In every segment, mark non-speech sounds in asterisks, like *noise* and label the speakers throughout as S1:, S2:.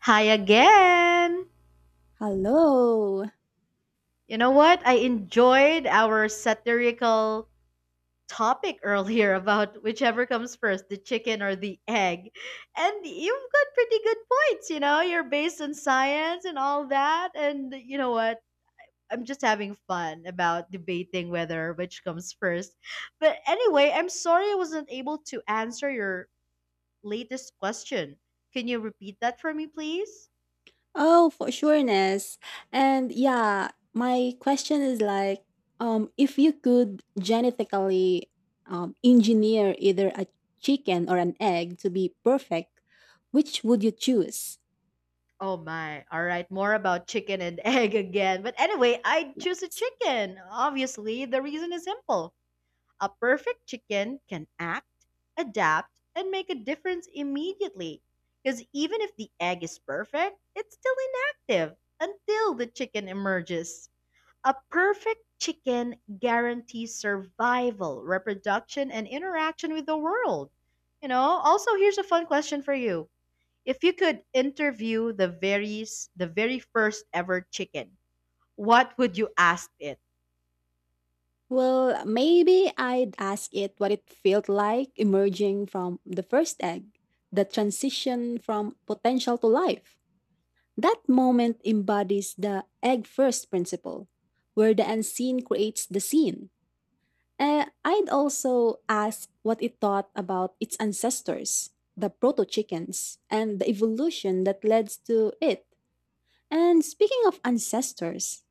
S1: Hi again.
S2: Hello.
S1: You know what? I enjoyed our satirical topic *laughs* earlier about whichever comes first, the chicken or the egg. And you've got pretty good points, you know? You're based on science and all that. And you know what? I'm just having fun about debating whether which comes first. But anyway, I'm sorry I wasn't able to answer your latest question. Can you repeat that for me, please?
S2: Oh, for sureness. And yeah, my question is like, if you could genetically engineer either a chicken or an egg to be perfect, which would you choose?
S1: Oh my. All right. More about chicken and *laughs* egg again. But anyway, I'd choose a
S2: Yes.
S1: chicken. Obviously, the reason is simple. A perfect chicken can act, adapt, and make a difference immediately. Because even if the egg is perfect, it's still inactive until the chicken emerges. A perfect chicken guarantees survival, reproduction, and interaction with the world. You know, also, here's a fun question for you. If you could interview the very first ever chicken, what would you ask it?
S2: Well, maybe I'd ask it what it felt like emerging from the first egg, the transition from potential to life. That moment embodies the egg first principle, where the unseen creates the seen. I'd also ask what it thought about its ancestors, the proto chickens, and the evolution that led to it. And speaking of ancestors,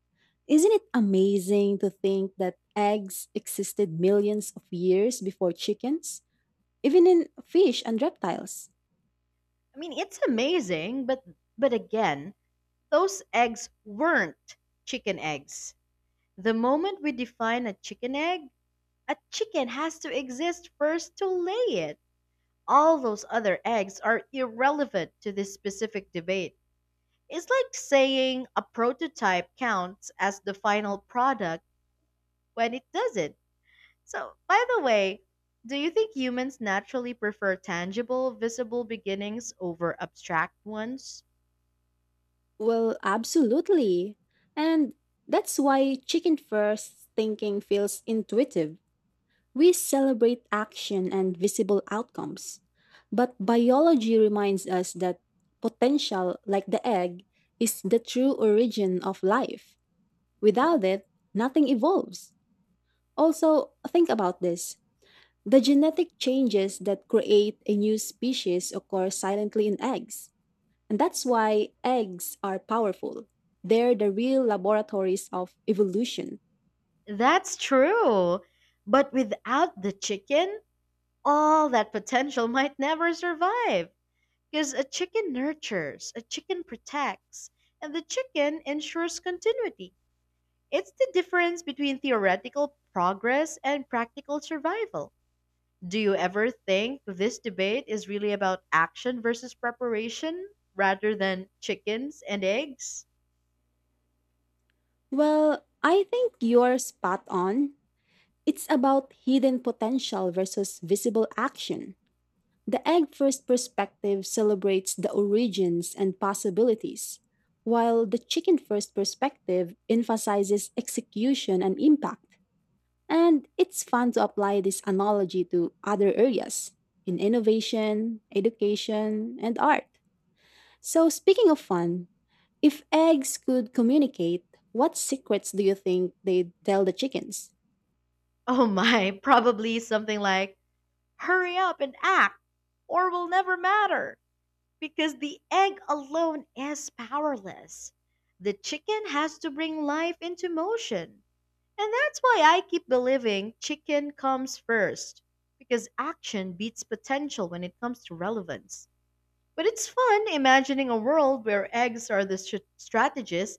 S2: isn't it amazing to think that eggs existed millions of years before chickens, even in fish and reptiles?
S1: I mean, it's amazing, but again, those eggs weren't chicken eggs. The moment we define a chicken egg, a chicken has to exist first to lay it. All those other eggs are irrelevant to this specific debate. It's like saying a prototype counts as the final product when it doesn't. So, by the way, do you think humans naturally prefer tangible, visible beginnings over abstract ones?
S2: Well, absolutely. And that's why chicken first thinking feels intuitive. We celebrate action and visible outcomes. But biology reminds us that potential, like the egg, is the true origin of life. Without it, nothing evolves. Also, think about this. The genetic changes that create a new species occur silently in eggs. And that's why eggs are powerful. They're the real laboratories of evolution.
S1: That's true. But without the chicken, all that potential might never survive. Because a chicken nurtures, a chicken protects, and the chicken ensures continuity. It's the difference between theoretical progress and practical survival. Do you ever think this debate is really about action versus preparation rather than chickens and eggs?
S2: Well, I think you're spot on. It's about hidden potential versus visible action. The egg first perspective celebrates the origins and possibilities, while the chicken first perspective emphasizes execution and impact. And it's fun to apply this analogy to other areas in innovation, education, and art. So, speaking of fun, if eggs could communicate, what secrets do you think they'd tell the chickens?
S1: Oh my, *laughs* probably something like, hurry up and act, or we'll never matter. Because the egg alone is powerless. The chicken has to bring life into motion. And that's why I keep believing chicken comes first, because action beats potential when it comes to relevance. But it's fun imagining a world where eggs are strategists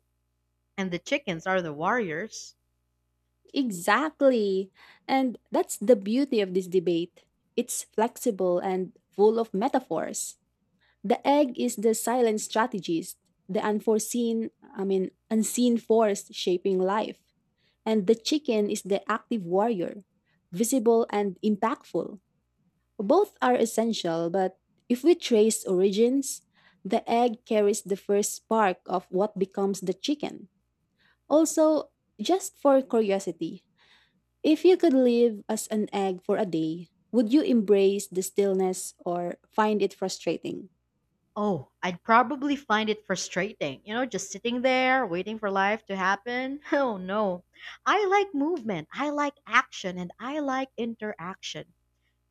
S1: and the chickens are the warriors.
S2: Exactly. And that's the beauty of this debate. It's flexible and full of metaphors. The egg is the silent strategist, the unseen force shaping life. And the chicken is the active warrior, visible and impactful. Both are essential, but if we trace origins, the egg carries the first spark of what becomes the chicken. Also, just for curiosity, if you could live as an egg for a day, would you embrace the stillness or find it frustrating?
S1: Oh, I'd probably find it frustrating, you know, just sitting there waiting for life to happen. *laughs* Oh no. I like movement, I like action, and I like interaction.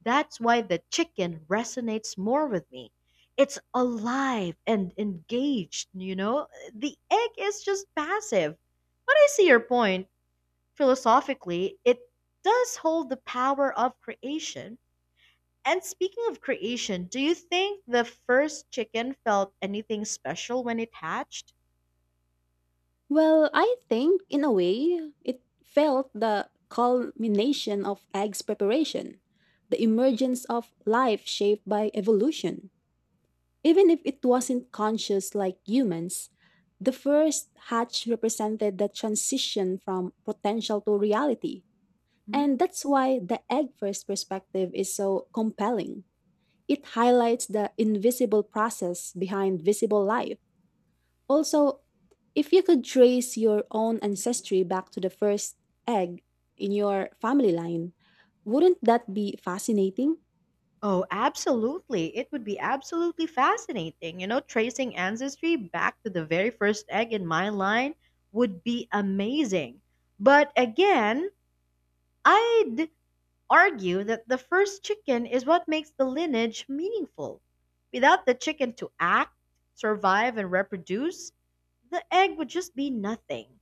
S1: That's why the chicken resonates more with me. It's alive and engaged, you know? The egg is just passive. But I see your point. Philosophically, it does hold the power of creation. And speaking of creation, do you think the first chicken felt anything special when it hatched?
S2: Well, I think in a way, it felt the culmination of egg's preparation, the emergence of life shaped by evolution. Even if it wasn't conscious like humans, the first hatch represented the transition from potential to reality.
S1: Mhm.
S2: And that's why the egg first perspective is so compelling. It highlights the invisible process behind visible life. Also, if you could trace your own ancestry back to the first egg in your family line, wouldn't that be fascinating?
S1: Oh, absolutely. It would be absolutely fascinating. You know, tracing ancestry back to the very first egg in my line would be amazing. But again, I argue that the first chicken is what makes the lineage meaningful. Without the chicken to act, survive, and reproduce, the egg would just be nothing.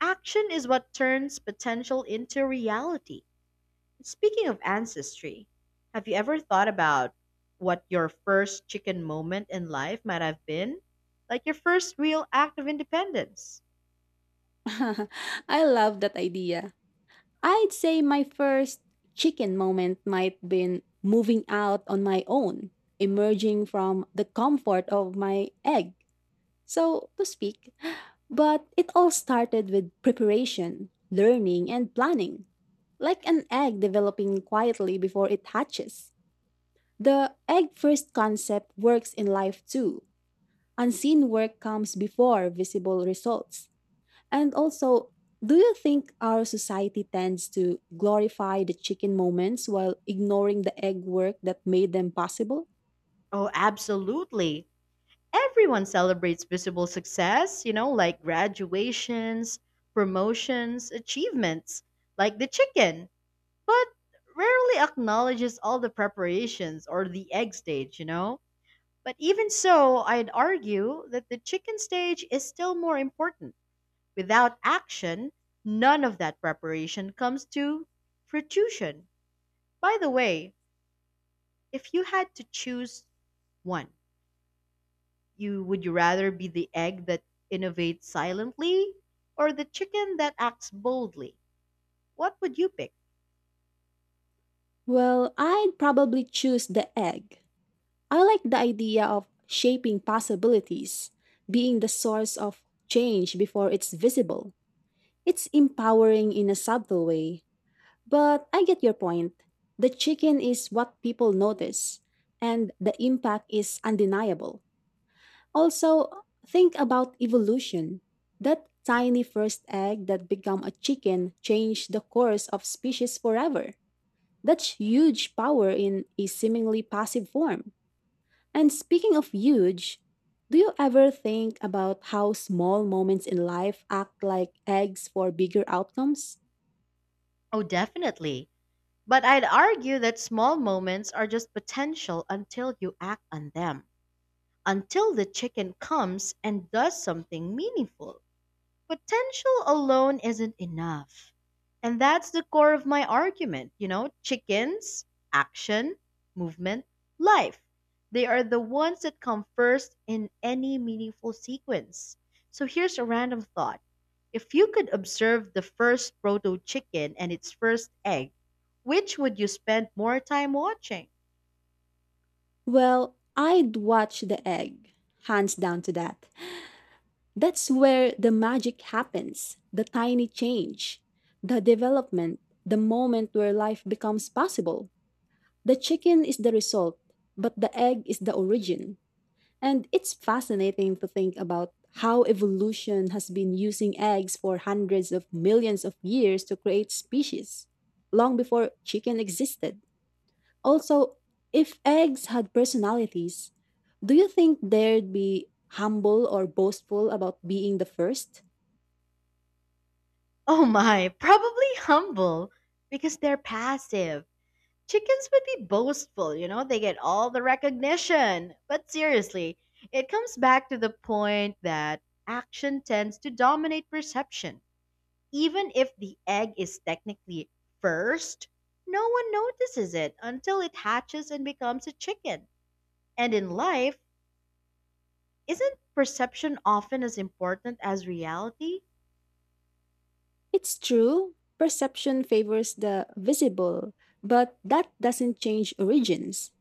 S1: Action is what turns potential into reality. Speaking of ancestry, have you ever thought about what your first chicken moment in life might have been? Like your first real act of independence?
S2: *laughs* I love that idea. I'd say my first chicken moment might been moving out on my own, emerging from the comfort of my egg, so to speak. But it all started with preparation, learning, and planning, like an egg developing quietly before it hatches. The egg first concept works in life too. Unseen work comes before visible results. And also, do you think our society tends to glorify the chicken moments while ignoring the egg work that made them possible?
S1: Oh, absolutely. Everyone celebrates visible success, you know, like graduations, promotions, achievements, like the chicken, but rarely acknowledges all the preparations or the egg stage, you know? But even so, I'd argue that the chicken stage is still more important. Without action, none of that preparation comes to fruition. By the way, if you had to choose one, you rather be the egg that innovates silently or the chicken that acts boldly? What would you pick?
S2: Well, I'd probably choose the egg. I like the idea of shaping possibilities, being the source of change before it's visible. It's empowering in a subtle way. But I get your point. The chicken is what people notice, and the impact is undeniable. Also, think about evolution. That tiny first egg that became a chicken changed the course of species forever. That's huge power in a seemingly passive form. And speaking of huge, do you ever think about how small moments in life act like eggs for bigger outcomes?
S1: Oh, definitely. But I'd argue that small moments are just potential until you act on them, until the chicken comes and does something meaningful. Potential alone isn't enough. And that's the core of my argument. You know, chickens, action, movement, life. They are the ones that come first in any meaningful sequence. So here's a random thought. If you could observe the first proto chicken and its first egg, which would you spend more time watching?
S2: Well, I'd watch the egg, hands down to that. That's where the magic happens the tiny change, the development, the moment where life becomes possible. The chicken is the result, but the egg is the origin. And it's fascinating to think about how evolution has been using eggs for hundreds of millions of years to create species, long before chicken existed. Also, if eggs had personalities, do you think they'd be humble or boastful about being the first?
S1: Oh my, probably humble because they're passive. Chickens would be boastful, you know, they get all the recognition. But seriously, it comes back to the point that action tends to dominate perception. Even if the egg is technically first, no one notices it until it hatches and becomes a chicken. And in life, isn't perception often as important as reality?
S2: It's true, perception favors the visible, but that doesn't change origins.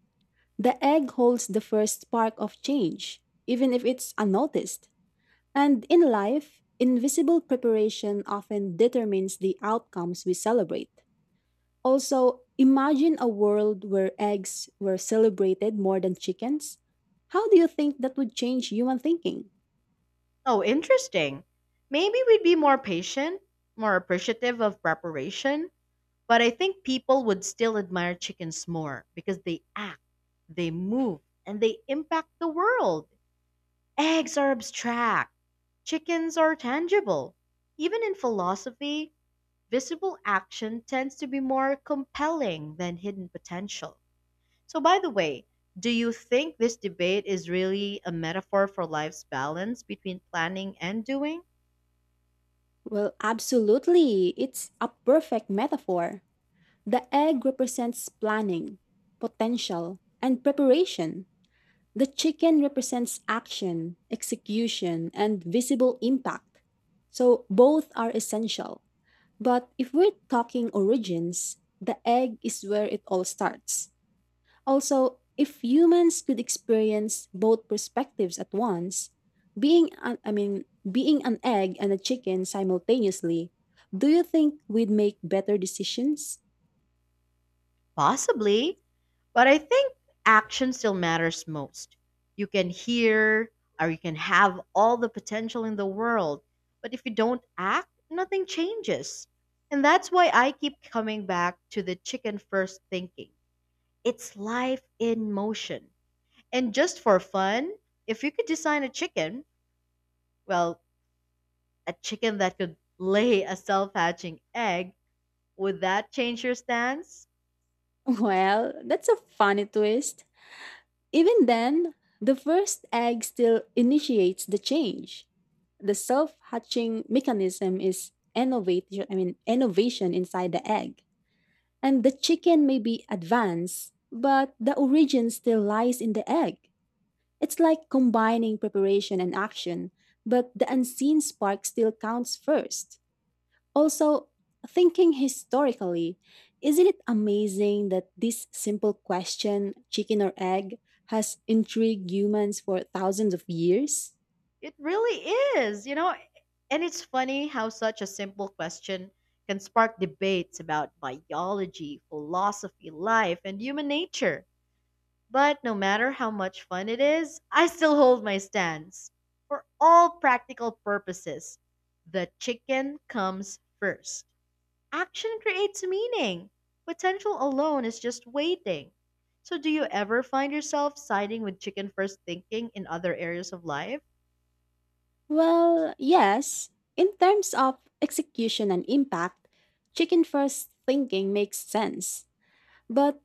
S2: The egg holds the first spark of change, even if it's unnoticed. And in life, invisible preparation often determines the outcomes we celebrate. Also, imagine a world where eggs were celebrated more than chickens. How do you think that would change human thinking?
S1: Oh, interesting. Maybe we'd be more patient, more appreciative of preparation. But I think people would still admire chickens more because they act, they move, and they impact the world. Eggs are abstract, chickens are tangible. Even in philosophy, visible action tends to be more compelling than hidden potential. So, by the way, do you think this debate is really a metaphor for life's balance between planning and doing?
S2: Well, absolutely. It's a perfect metaphor. The egg represents planning, potential, and preparation. The chicken represents action, execution, and visible impact. So both are essential. But if we're talking origins, the egg is where it all starts. Also, if humans could experience both perspectives at once, being an egg and a chicken simultaneously, do you think we'd make better decisions?
S1: Possibly, but I think action still matters most. You can hear you can have all the potential in the world, but if you don't act, nothing changes. And that's why I keep coming back to the chicken first thinking. It's life in motion. And just for fun, if you could design a chicken, well, a chicken that could lay a self hatching egg, would that change your stance?
S2: Well, that's a funny twist. Even then, the first egg still initiates the change. The self-hatching mechanism is innovation, I mean innovation inside the egg. And the chicken may be advanced, but the origin still lies in the egg. It's like combining preparation and action, but the unseen spark still counts first. Also, thinking historically, isn't it amazing that this simple question, chicken or egg, has intrigued humans for thousands of years?
S1: It really is, you know, and it's funny how such a simple question can spark debates about biology, philosophy, life, and human nature. But no matter how much fun it is, I still hold my stance. For all practical purposes, the chicken comes first. Action creates meaning. Potential alone is just waiting. So, do you ever find yourself siding with chicken first thinking in other areas of life?
S2: Well, yes. In terms of execution and impact, chicken first thinking makes sense. But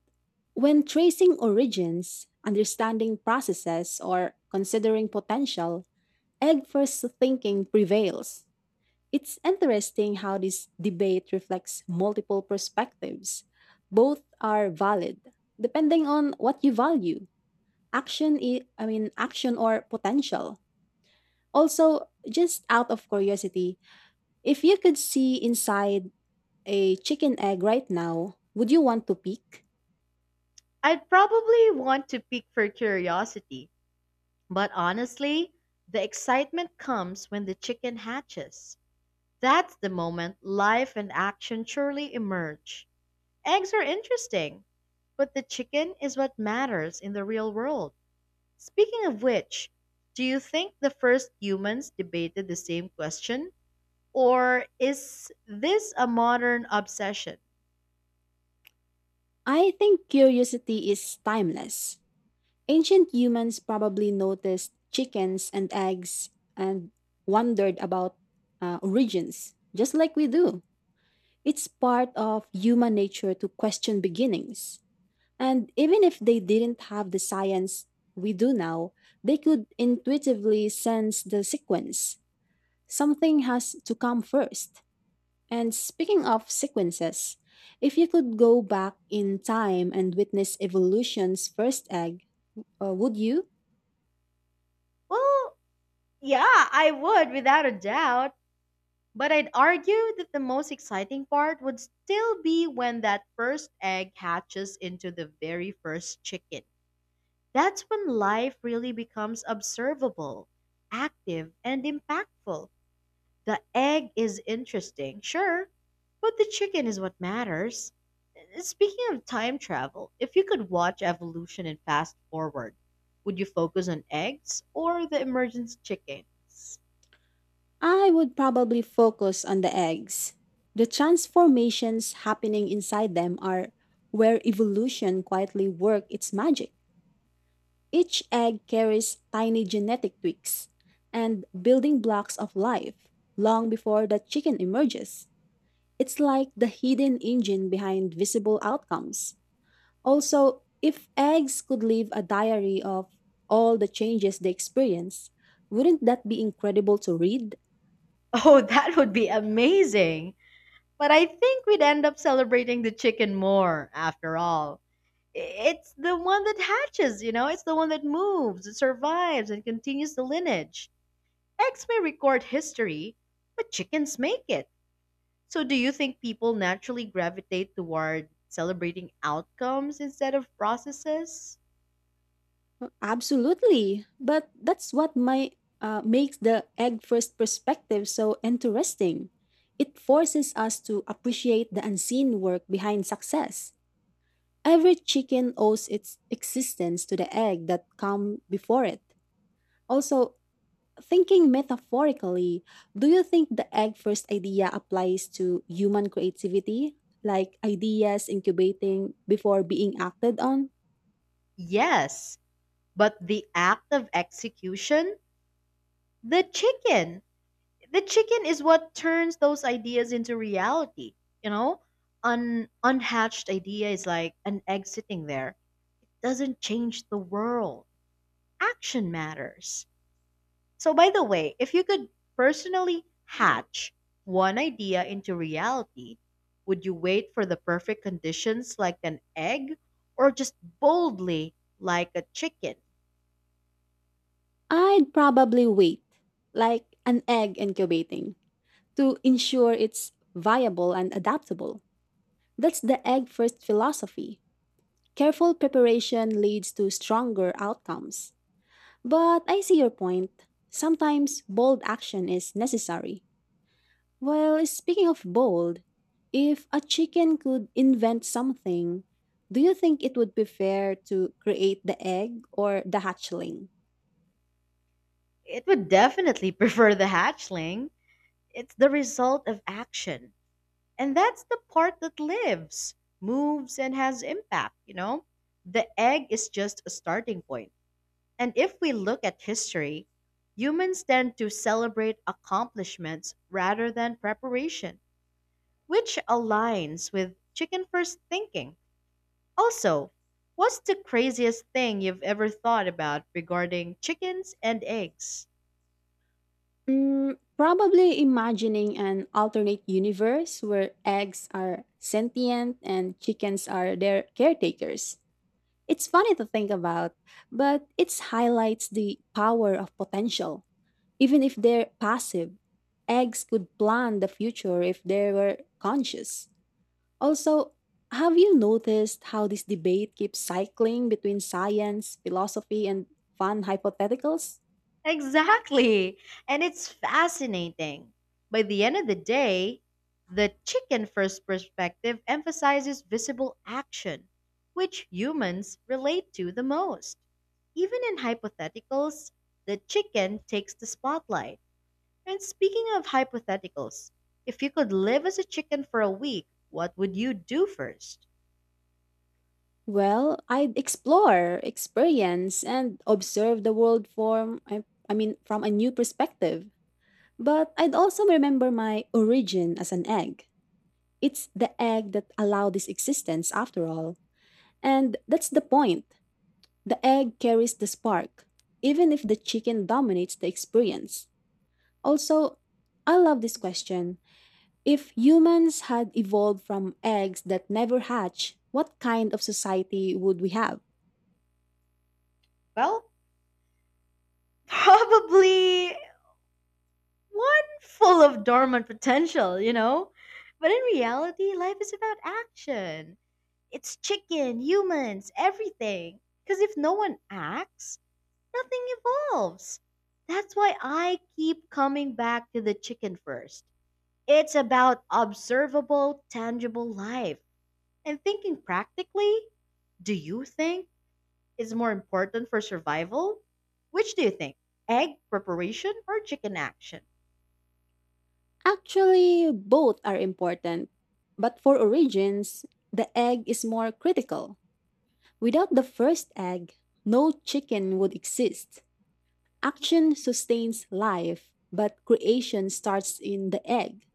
S2: when tracing origins, understanding processes, or considering potential, egg first thinking prevails. It's interesting how this debate reflects multiple perspectives. Both are valid, depending on what you value. Action, I mean, action or potential. Also, just out of curiosity, if you could see inside a chicken egg right now, would you want to peek?
S1: I'd probably want to pick for curiosity, but honestly, the excitement comes when the chicken hatches. That's the moment life and action truly emerge. Eggs are interesting, but the chicken is what matters in the real world. Speaking of which, do you think the first humans debated the same question? Or is this a modern obsession?
S2: I think curiosity is timeless. Ancient humans probably noticed chickens and eggs and wondered about origins, just like we do. It's part of human nature to question beginnings. And even if they didn't have the science we do now, they could intuitively sense the sequence. Something has to come first. And speaking of sequences, if you could go back in time and witness evolution's first egg, would you?
S1: Well, yeah, I would without a doubt. But I'd argue that the most exciting part would still be when that first egg hatches into the very first chicken. That's when life really becomes observable, active, and impactful. The egg is interesting, sure, but the chicken is what matters. Speaking of time travel, if you could watch evolution and fast forward, would you focus on eggs or the emergence chickens? *laughs*
S2: I would probably focus on the eggs. The transformations happening inside them are where evolution quietly work its magic. Each egg carries tiny genetic tweaks and building blocks of life long before the chicken emerges. It's like the hidden engine behind visible outcomes. Also, if eggs could leave a diary of all the changes they experience, wouldn't that be incredible to read?
S1: Oh, that would be amazing. But I think we'd end up celebrating the chicken more after all. It's the one that hatches, you know, it's the one that moves, it survives, and continues the lineage. Eggs may record history, but chickens make it. So do you think people naturally gravitate toward celebrating outcomes instead of processes?
S2: Well, absolutely. But that's what my makes the egg first perspective so interesting. It forces us to appreciate the unseen work behind success. Every chicken owes its existence to the egg that come before it. Also, thinking metaphorically, do you think the egg first idea applies to human creativity, like ideas incubating before being acted on?
S1: Yes, but the act of execution? The chicken. The chicken is what turns those ideas into reality, you know. An unhatched idea is like an egg sitting there. Doesn't change the world. Action matters. So, by the way, if you could personally hatch one idea into reality, would you wait for the perfect conditions like an egg, or just boldly like a chicken?
S2: I'd probably wait, like an egg incubating, to ensure it's viable and adaptable. That's the egg first philosophy. Careful preparation leads to stronger outcomes. But I see your point. Sometimes bold action is necessary. Well, speaking of bold, if a chicken could invent something, do you think it would be fair to create the egg or the hatchling?
S1: It would definitely *laughs* prefer the hatchling. It's the result of action. And that's the part that lives, moves, and has impact, you know? The egg is just a starting point. And if we look at history, humans tend to celebrate accomplishments rather than preparation, which aligns with chicken first thinking. Also, what's the craziest thing you've ever thought about regarding chickens and eggs?
S2: Mm, probably imagining an alternate universe where eggs are sentient and chickens are their caretakers. It's funny to think about, but it highlights the power of potential. Even if they're passive, eggs could plan the future if they were conscious. Also, have you noticed how this debate keeps cycling between science, philosophy, and fun hypotheticals?
S1: Exactly. And it's fascinating. By the end of the day, the chicken first perspective emphasizes visible action, which humans relate to the most. Even in hypotheticals, the chicken takes the spotlight. And speaking of hypotheticals, if you could live as a chicken for a week, what would you do first?
S2: Well, I'd explore, experience, and observe the world from a new perspective. But I'd also remember my origin as an egg. It's the egg that allowed this existence after all. And that's the point. The egg carries the spark, even if the chicken dominates the experience. Also, I love this question. If humans had evolved from eggs that never hatch, what kind of society would we have?
S1: Well, *laughs* probably one full of dormant potential, you know? But in reality, life is about action. It's chicken, humans, everything. Because if no one acts, nothing evolves. That's why I keep coming back to the chicken first. It's about observable, tangible life. And thinking practically, do you think is more important for survival? Which do you think? Egg preparation or chicken action?
S2: Actually, both are important. But for origins, the egg is more critical. Without the first egg, no chicken would exist. Action sustains life, but creation starts in the egg.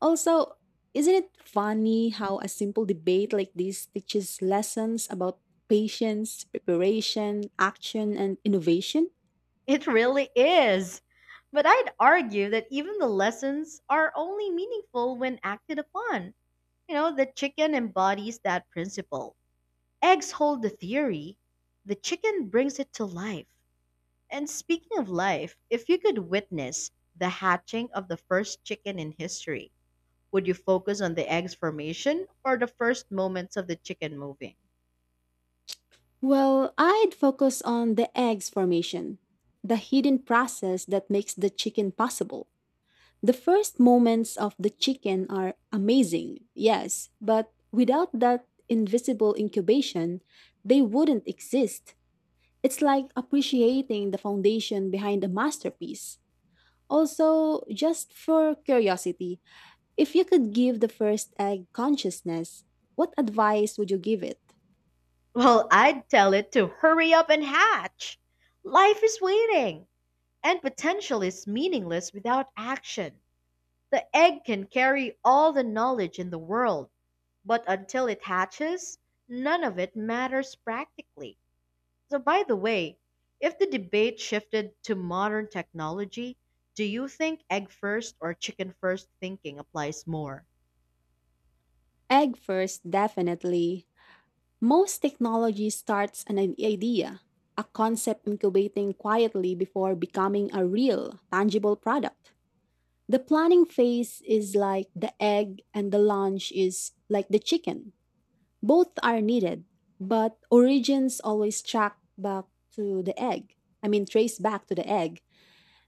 S2: Also, isn't it funny how a simple debate like this teaches lessons about patience, preparation, action, and innovation?
S1: It really is. But I'd argue that even the lessons are only meaningful when acted upon. You know, the chicken embodies that principle. Eggs hold the theory, the chicken brings it to life. And speaking of life, if you could witness the hatching of the first chicken in history, would you focus on the egg's formation or the first moments of the chicken moving?
S2: Well, I'd focus on the eggs formation, the hidden process that makes the chicken possible. The first moments of the chicken are amazing, yes, but without that invisible incubation, they wouldn't exist. It's like appreciating the foundation behind a masterpiece. Also, just for curiosity, if you could give the first egg consciousness, what advice would you give it?
S1: Well, I'd tell it to hurry up and hatch. Life is waiting. And potential is meaningless without action. The egg can carry all the knowledge in the world, but until it hatches, none of it matters practically. So, by the way, if the debate shifted to modern technology, do you think egg first or chicken first thinking applies more?
S2: Egg first, definitely. Most technology starts an idea, a concept incubating quietly before becoming a real, tangible product. The planning phase is like the egg, and the launch is like the chicken. Both are needed, but origins always track back to the egg. I mean, trace back to the egg.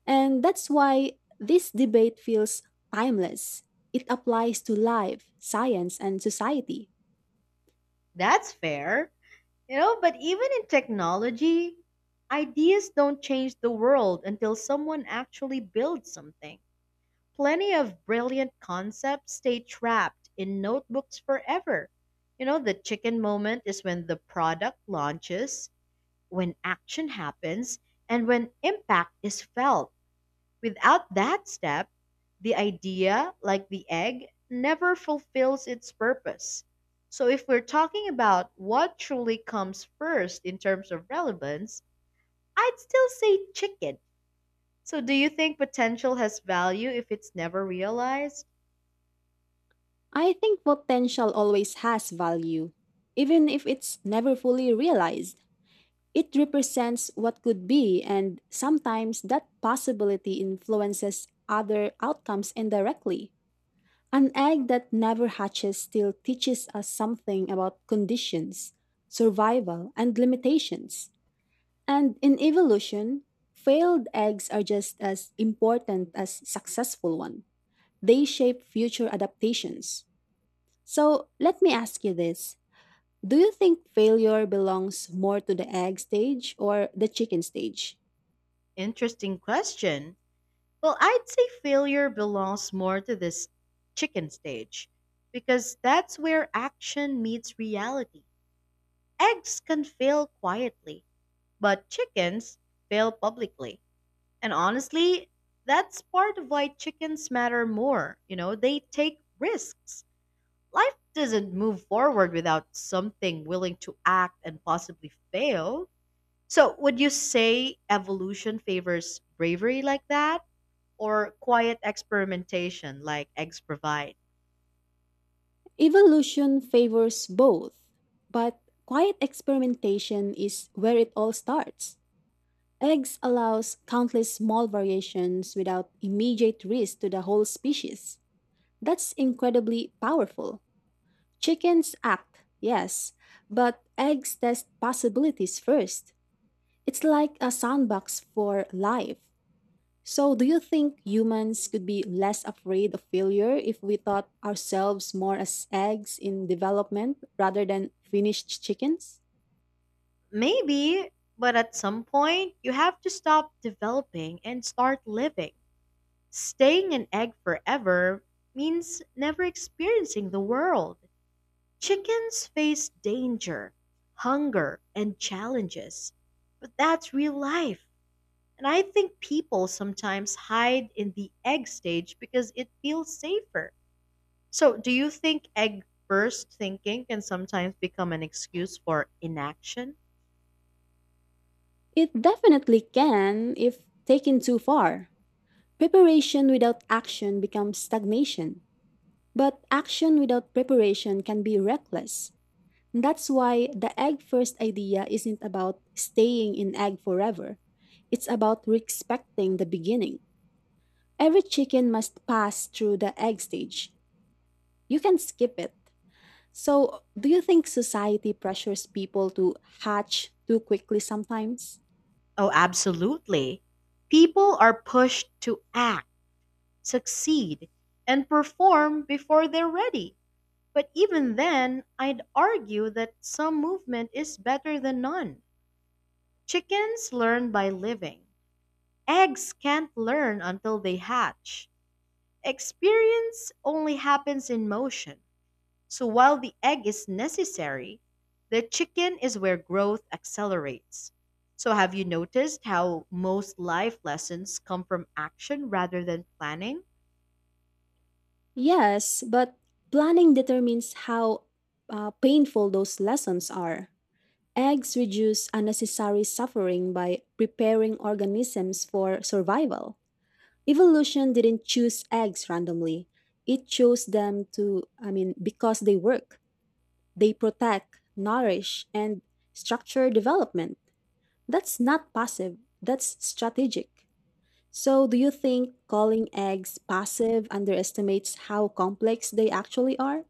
S2: And that's why this debate feels timeless. It applies to life, science, and society.
S1: That's fair. You know, but even in technology, ideas don't change the world until someone actually builds something. Plenty of brilliant concepts stay trapped in notebooks forever. You know, the chicken moment is when the product launches, when action happens, and when impact is felt. Without that step, the idea, like the egg, never fulfills its purpose. So, if we're talking about what truly comes first in terms of relevance, I'd still say chicken. So, do you think potential has value if it's never realized?
S2: I think potential always has value, even if it's never fully realized. It represents what could be, and sometimes that possibility influences other outcomes indirectly. An egg that never hatches still teaches us something about conditions, survival, and limitations. And in evolution, failed eggs are just as important as successful ones. They shape future adaptations. So let me ask you this. Do you think failure belongs more to the egg stage or the chicken stage?
S1: Interesting question. Well, I'd say failure belongs more to this chicken stage because that's where action meets reality. Eggs can fail quietly, but chickens fail publicly. And honestly, that's part of why chickens matter more. You know, they take risks. Life doesn't move forward without something willing to act and possibly fail. So, would you say evolution favors bravery like that, or quiet experimentation like eggs provide?
S2: Evolution favors both, but quiet experimentation is where it all starts. Eggs allows countless small variations without immediate risk to the whole species. That's incredibly powerful. Chickens act, yes, but eggs test possibilities first. It's like a sandbox for life. So, do you think humans could be less afraid of failure if we thought ourselves more as eggs in development rather than finished chickens?
S1: Maybe, but at some point, you have to stop developing and start living. Staying an egg forever means never experiencing the world. Chickens face danger, hunger, and challenges, but that's real life. And I think people sometimes hide in the egg stage because it feels safer. So, do you think egg first thinking can sometimes become an excuse for inaction?
S2: It definitely can if taken too far. Preparation without action becomes stagnation, but action without preparation can be reckless. That's why the egg first idea isn't about staying in egg forever. It's about respecting the beginning. Every chicken must pass through the egg stage. You can skip it. So, do you think society pressures people to hatch too quickly sometimes?
S1: Oh, absolutely. People are pushed to act, succeed, and perform before they're ready. But even then, I'd argue that some movement is better than none. Chickens learn by living. Eggs can't learn until they hatch. Experience only happens in motion. So while the egg is necessary, the chicken is where growth accelerates. So have you noticed how most life lessons come from action rather than planning?
S2: Yes, but planning determines how painful those lessons are. Eggs reduce unnecessary suffering by preparing organisms for survival. Evolution didn't choose eggs randomly. It chose them to, I mean, because they work. They protect, nourish, and structure development. That's not passive, that's strategic. So, do you think calling eggs passive underestimates how complex they actually are?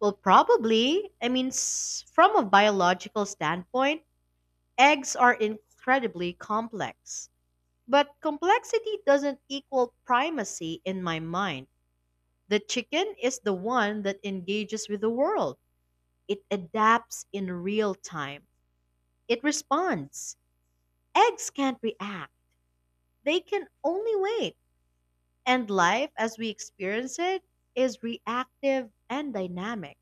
S1: Well, probably. I mean, from a biological standpoint, eggs are incredibly complex. But complexity doesn't equal primacy in my mind. The chicken is the one that engages with the world. It adapts in real time. It responds. Eggs can't react, they can only wait. And life as we experience it is reactive and dynamic.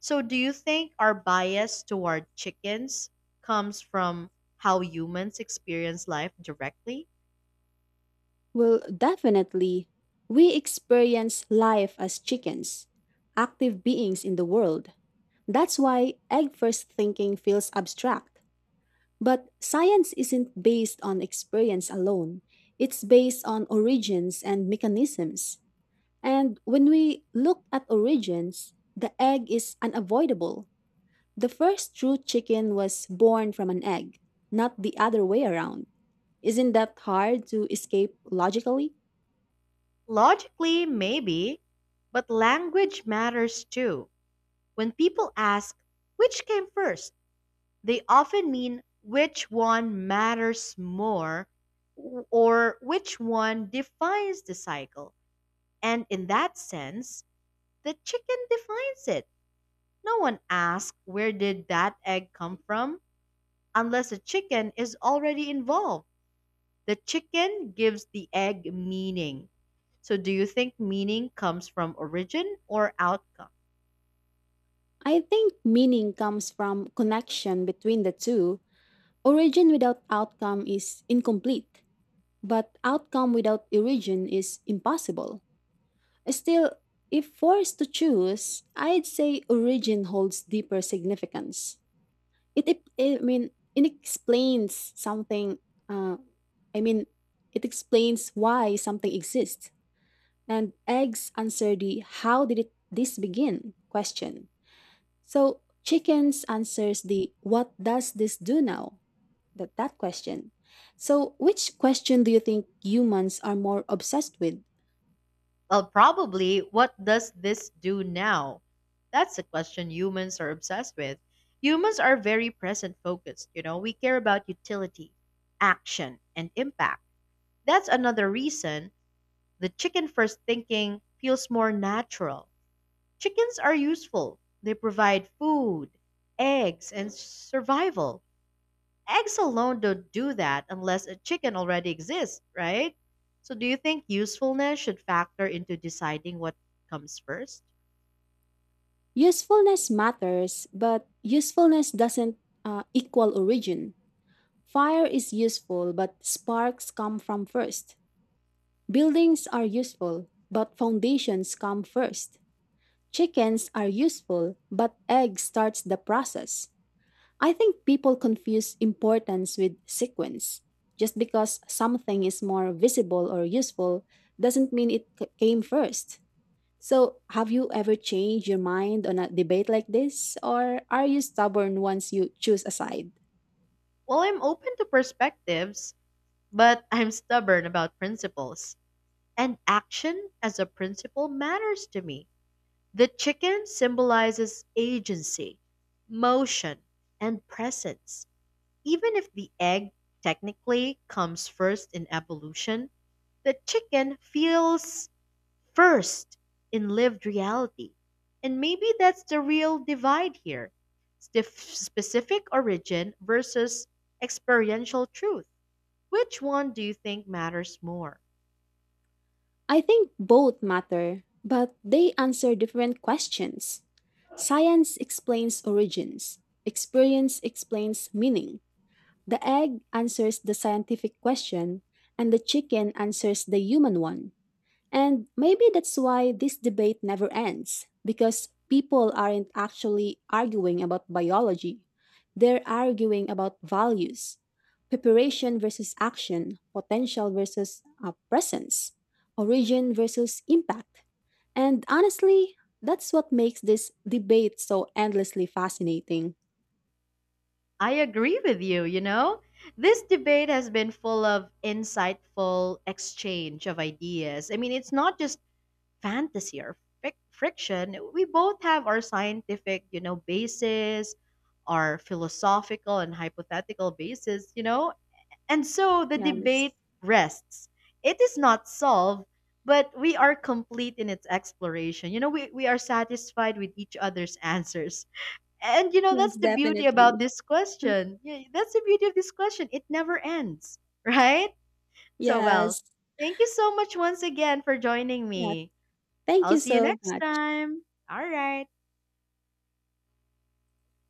S1: So, do you think our bias toward chickens comes from how humans experience life directly?
S2: Well, definitely. We experience life as chickens, active beings in the world. That's why egg first thinking feels abstract. But science isn't based on experience alone, it's based on origins and mechanisms. And when we look at origins, the egg is unavoidable. The first true chicken was born from an egg, not the other way around. Isn't that hard to escape logically?
S1: Logically, maybe, but language matters too. When people ask, which came first? They often mean which one matters more, or which one defines the cycle. And in that sense, the chicken defines it. No one asks, where did that egg come from? Unless a chicken is already involved. The chicken gives the egg meaning. So, do you think meaning comes from origin or outcome?
S2: I think meaning comes from connection between the two. Origin without outcome is incomplete, but outcome without origin is impossible. Still, if forced to choose, I'd say origin holds deeper significance. It it it explains uh, I mean, it explains why something exists. And eggs answer the how did it this begin question. So chickens answers the what does this do now? That question. So which question do you think humans are more obsessed with?
S1: Well, probably, what does this do now? That's a question humans are obsessed with. Humans are very present focused, you know, we care about utility, action, and impact. That's another reason the chicken first thinking feels more natural. Chickens are useful. They provide food, eggs, and survival. Eggs alone don't do that unless a chicken already exists, right? So, do you think usefulness should factor into deciding what comes first?
S2: Usefulness matters, but usefulness doesn't equal origin. Fire is useful, but sparks come from first. Buildings are useful, but foundations come first. Chickens are useful, but egg starts the process. I think people confuse importance with sequence. Just because something is more visible or useful doesn't mean it came first. So, have you ever changed your mind on a debate like this, or are you stubborn once you choose a side?
S1: Well, I'm open to perspectives, but I'm stubborn about principles. And action as a principle matters to me. The chicken symbolizes agency, motion, and presence. Even if the egg technically comes first in evolution, the chicken feels first in lived reality. And maybe that's the real divide here, specific origin versus experiential truth. Which one do you think matters more?
S2: I think both matter, but they answer different questions. Science explains origins, experience explains meaning. The egg answers the scientific question, and the chicken answers the human one. And maybe that's why this debate never ends, because people aren't actually arguing about biology. They're arguing about values, preparation versus action, potential versus presence, origin versus impact. And honestly, that's what makes this debate so endlessly fascinating.
S1: I agree with you, you know? This debate has been full of insightful exchange of ideas. I mean, it's not just fantasy or friction. We both have our scientific, you know, basis, our philosophical and hypothetical basis, you know? And so the debate
S2: Yes,
S1: rests. It is not solved, but we are complete in its exploration. You know, we are satisfied with each other's *laughs* answers, and you know,
S2: yes,
S1: that's the beauty about
S2: definitely.
S1: this question. Yeah, that's the beauty of this question. It never ends, *laughs* right? So, well,
S2: Yes,
S1: thank you so much once again for joining
S2: yeah.
S1: me.
S2: Thank
S1: I'll
S2: you
S1: see you
S2: so
S1: next
S2: much.
S1: time. All right.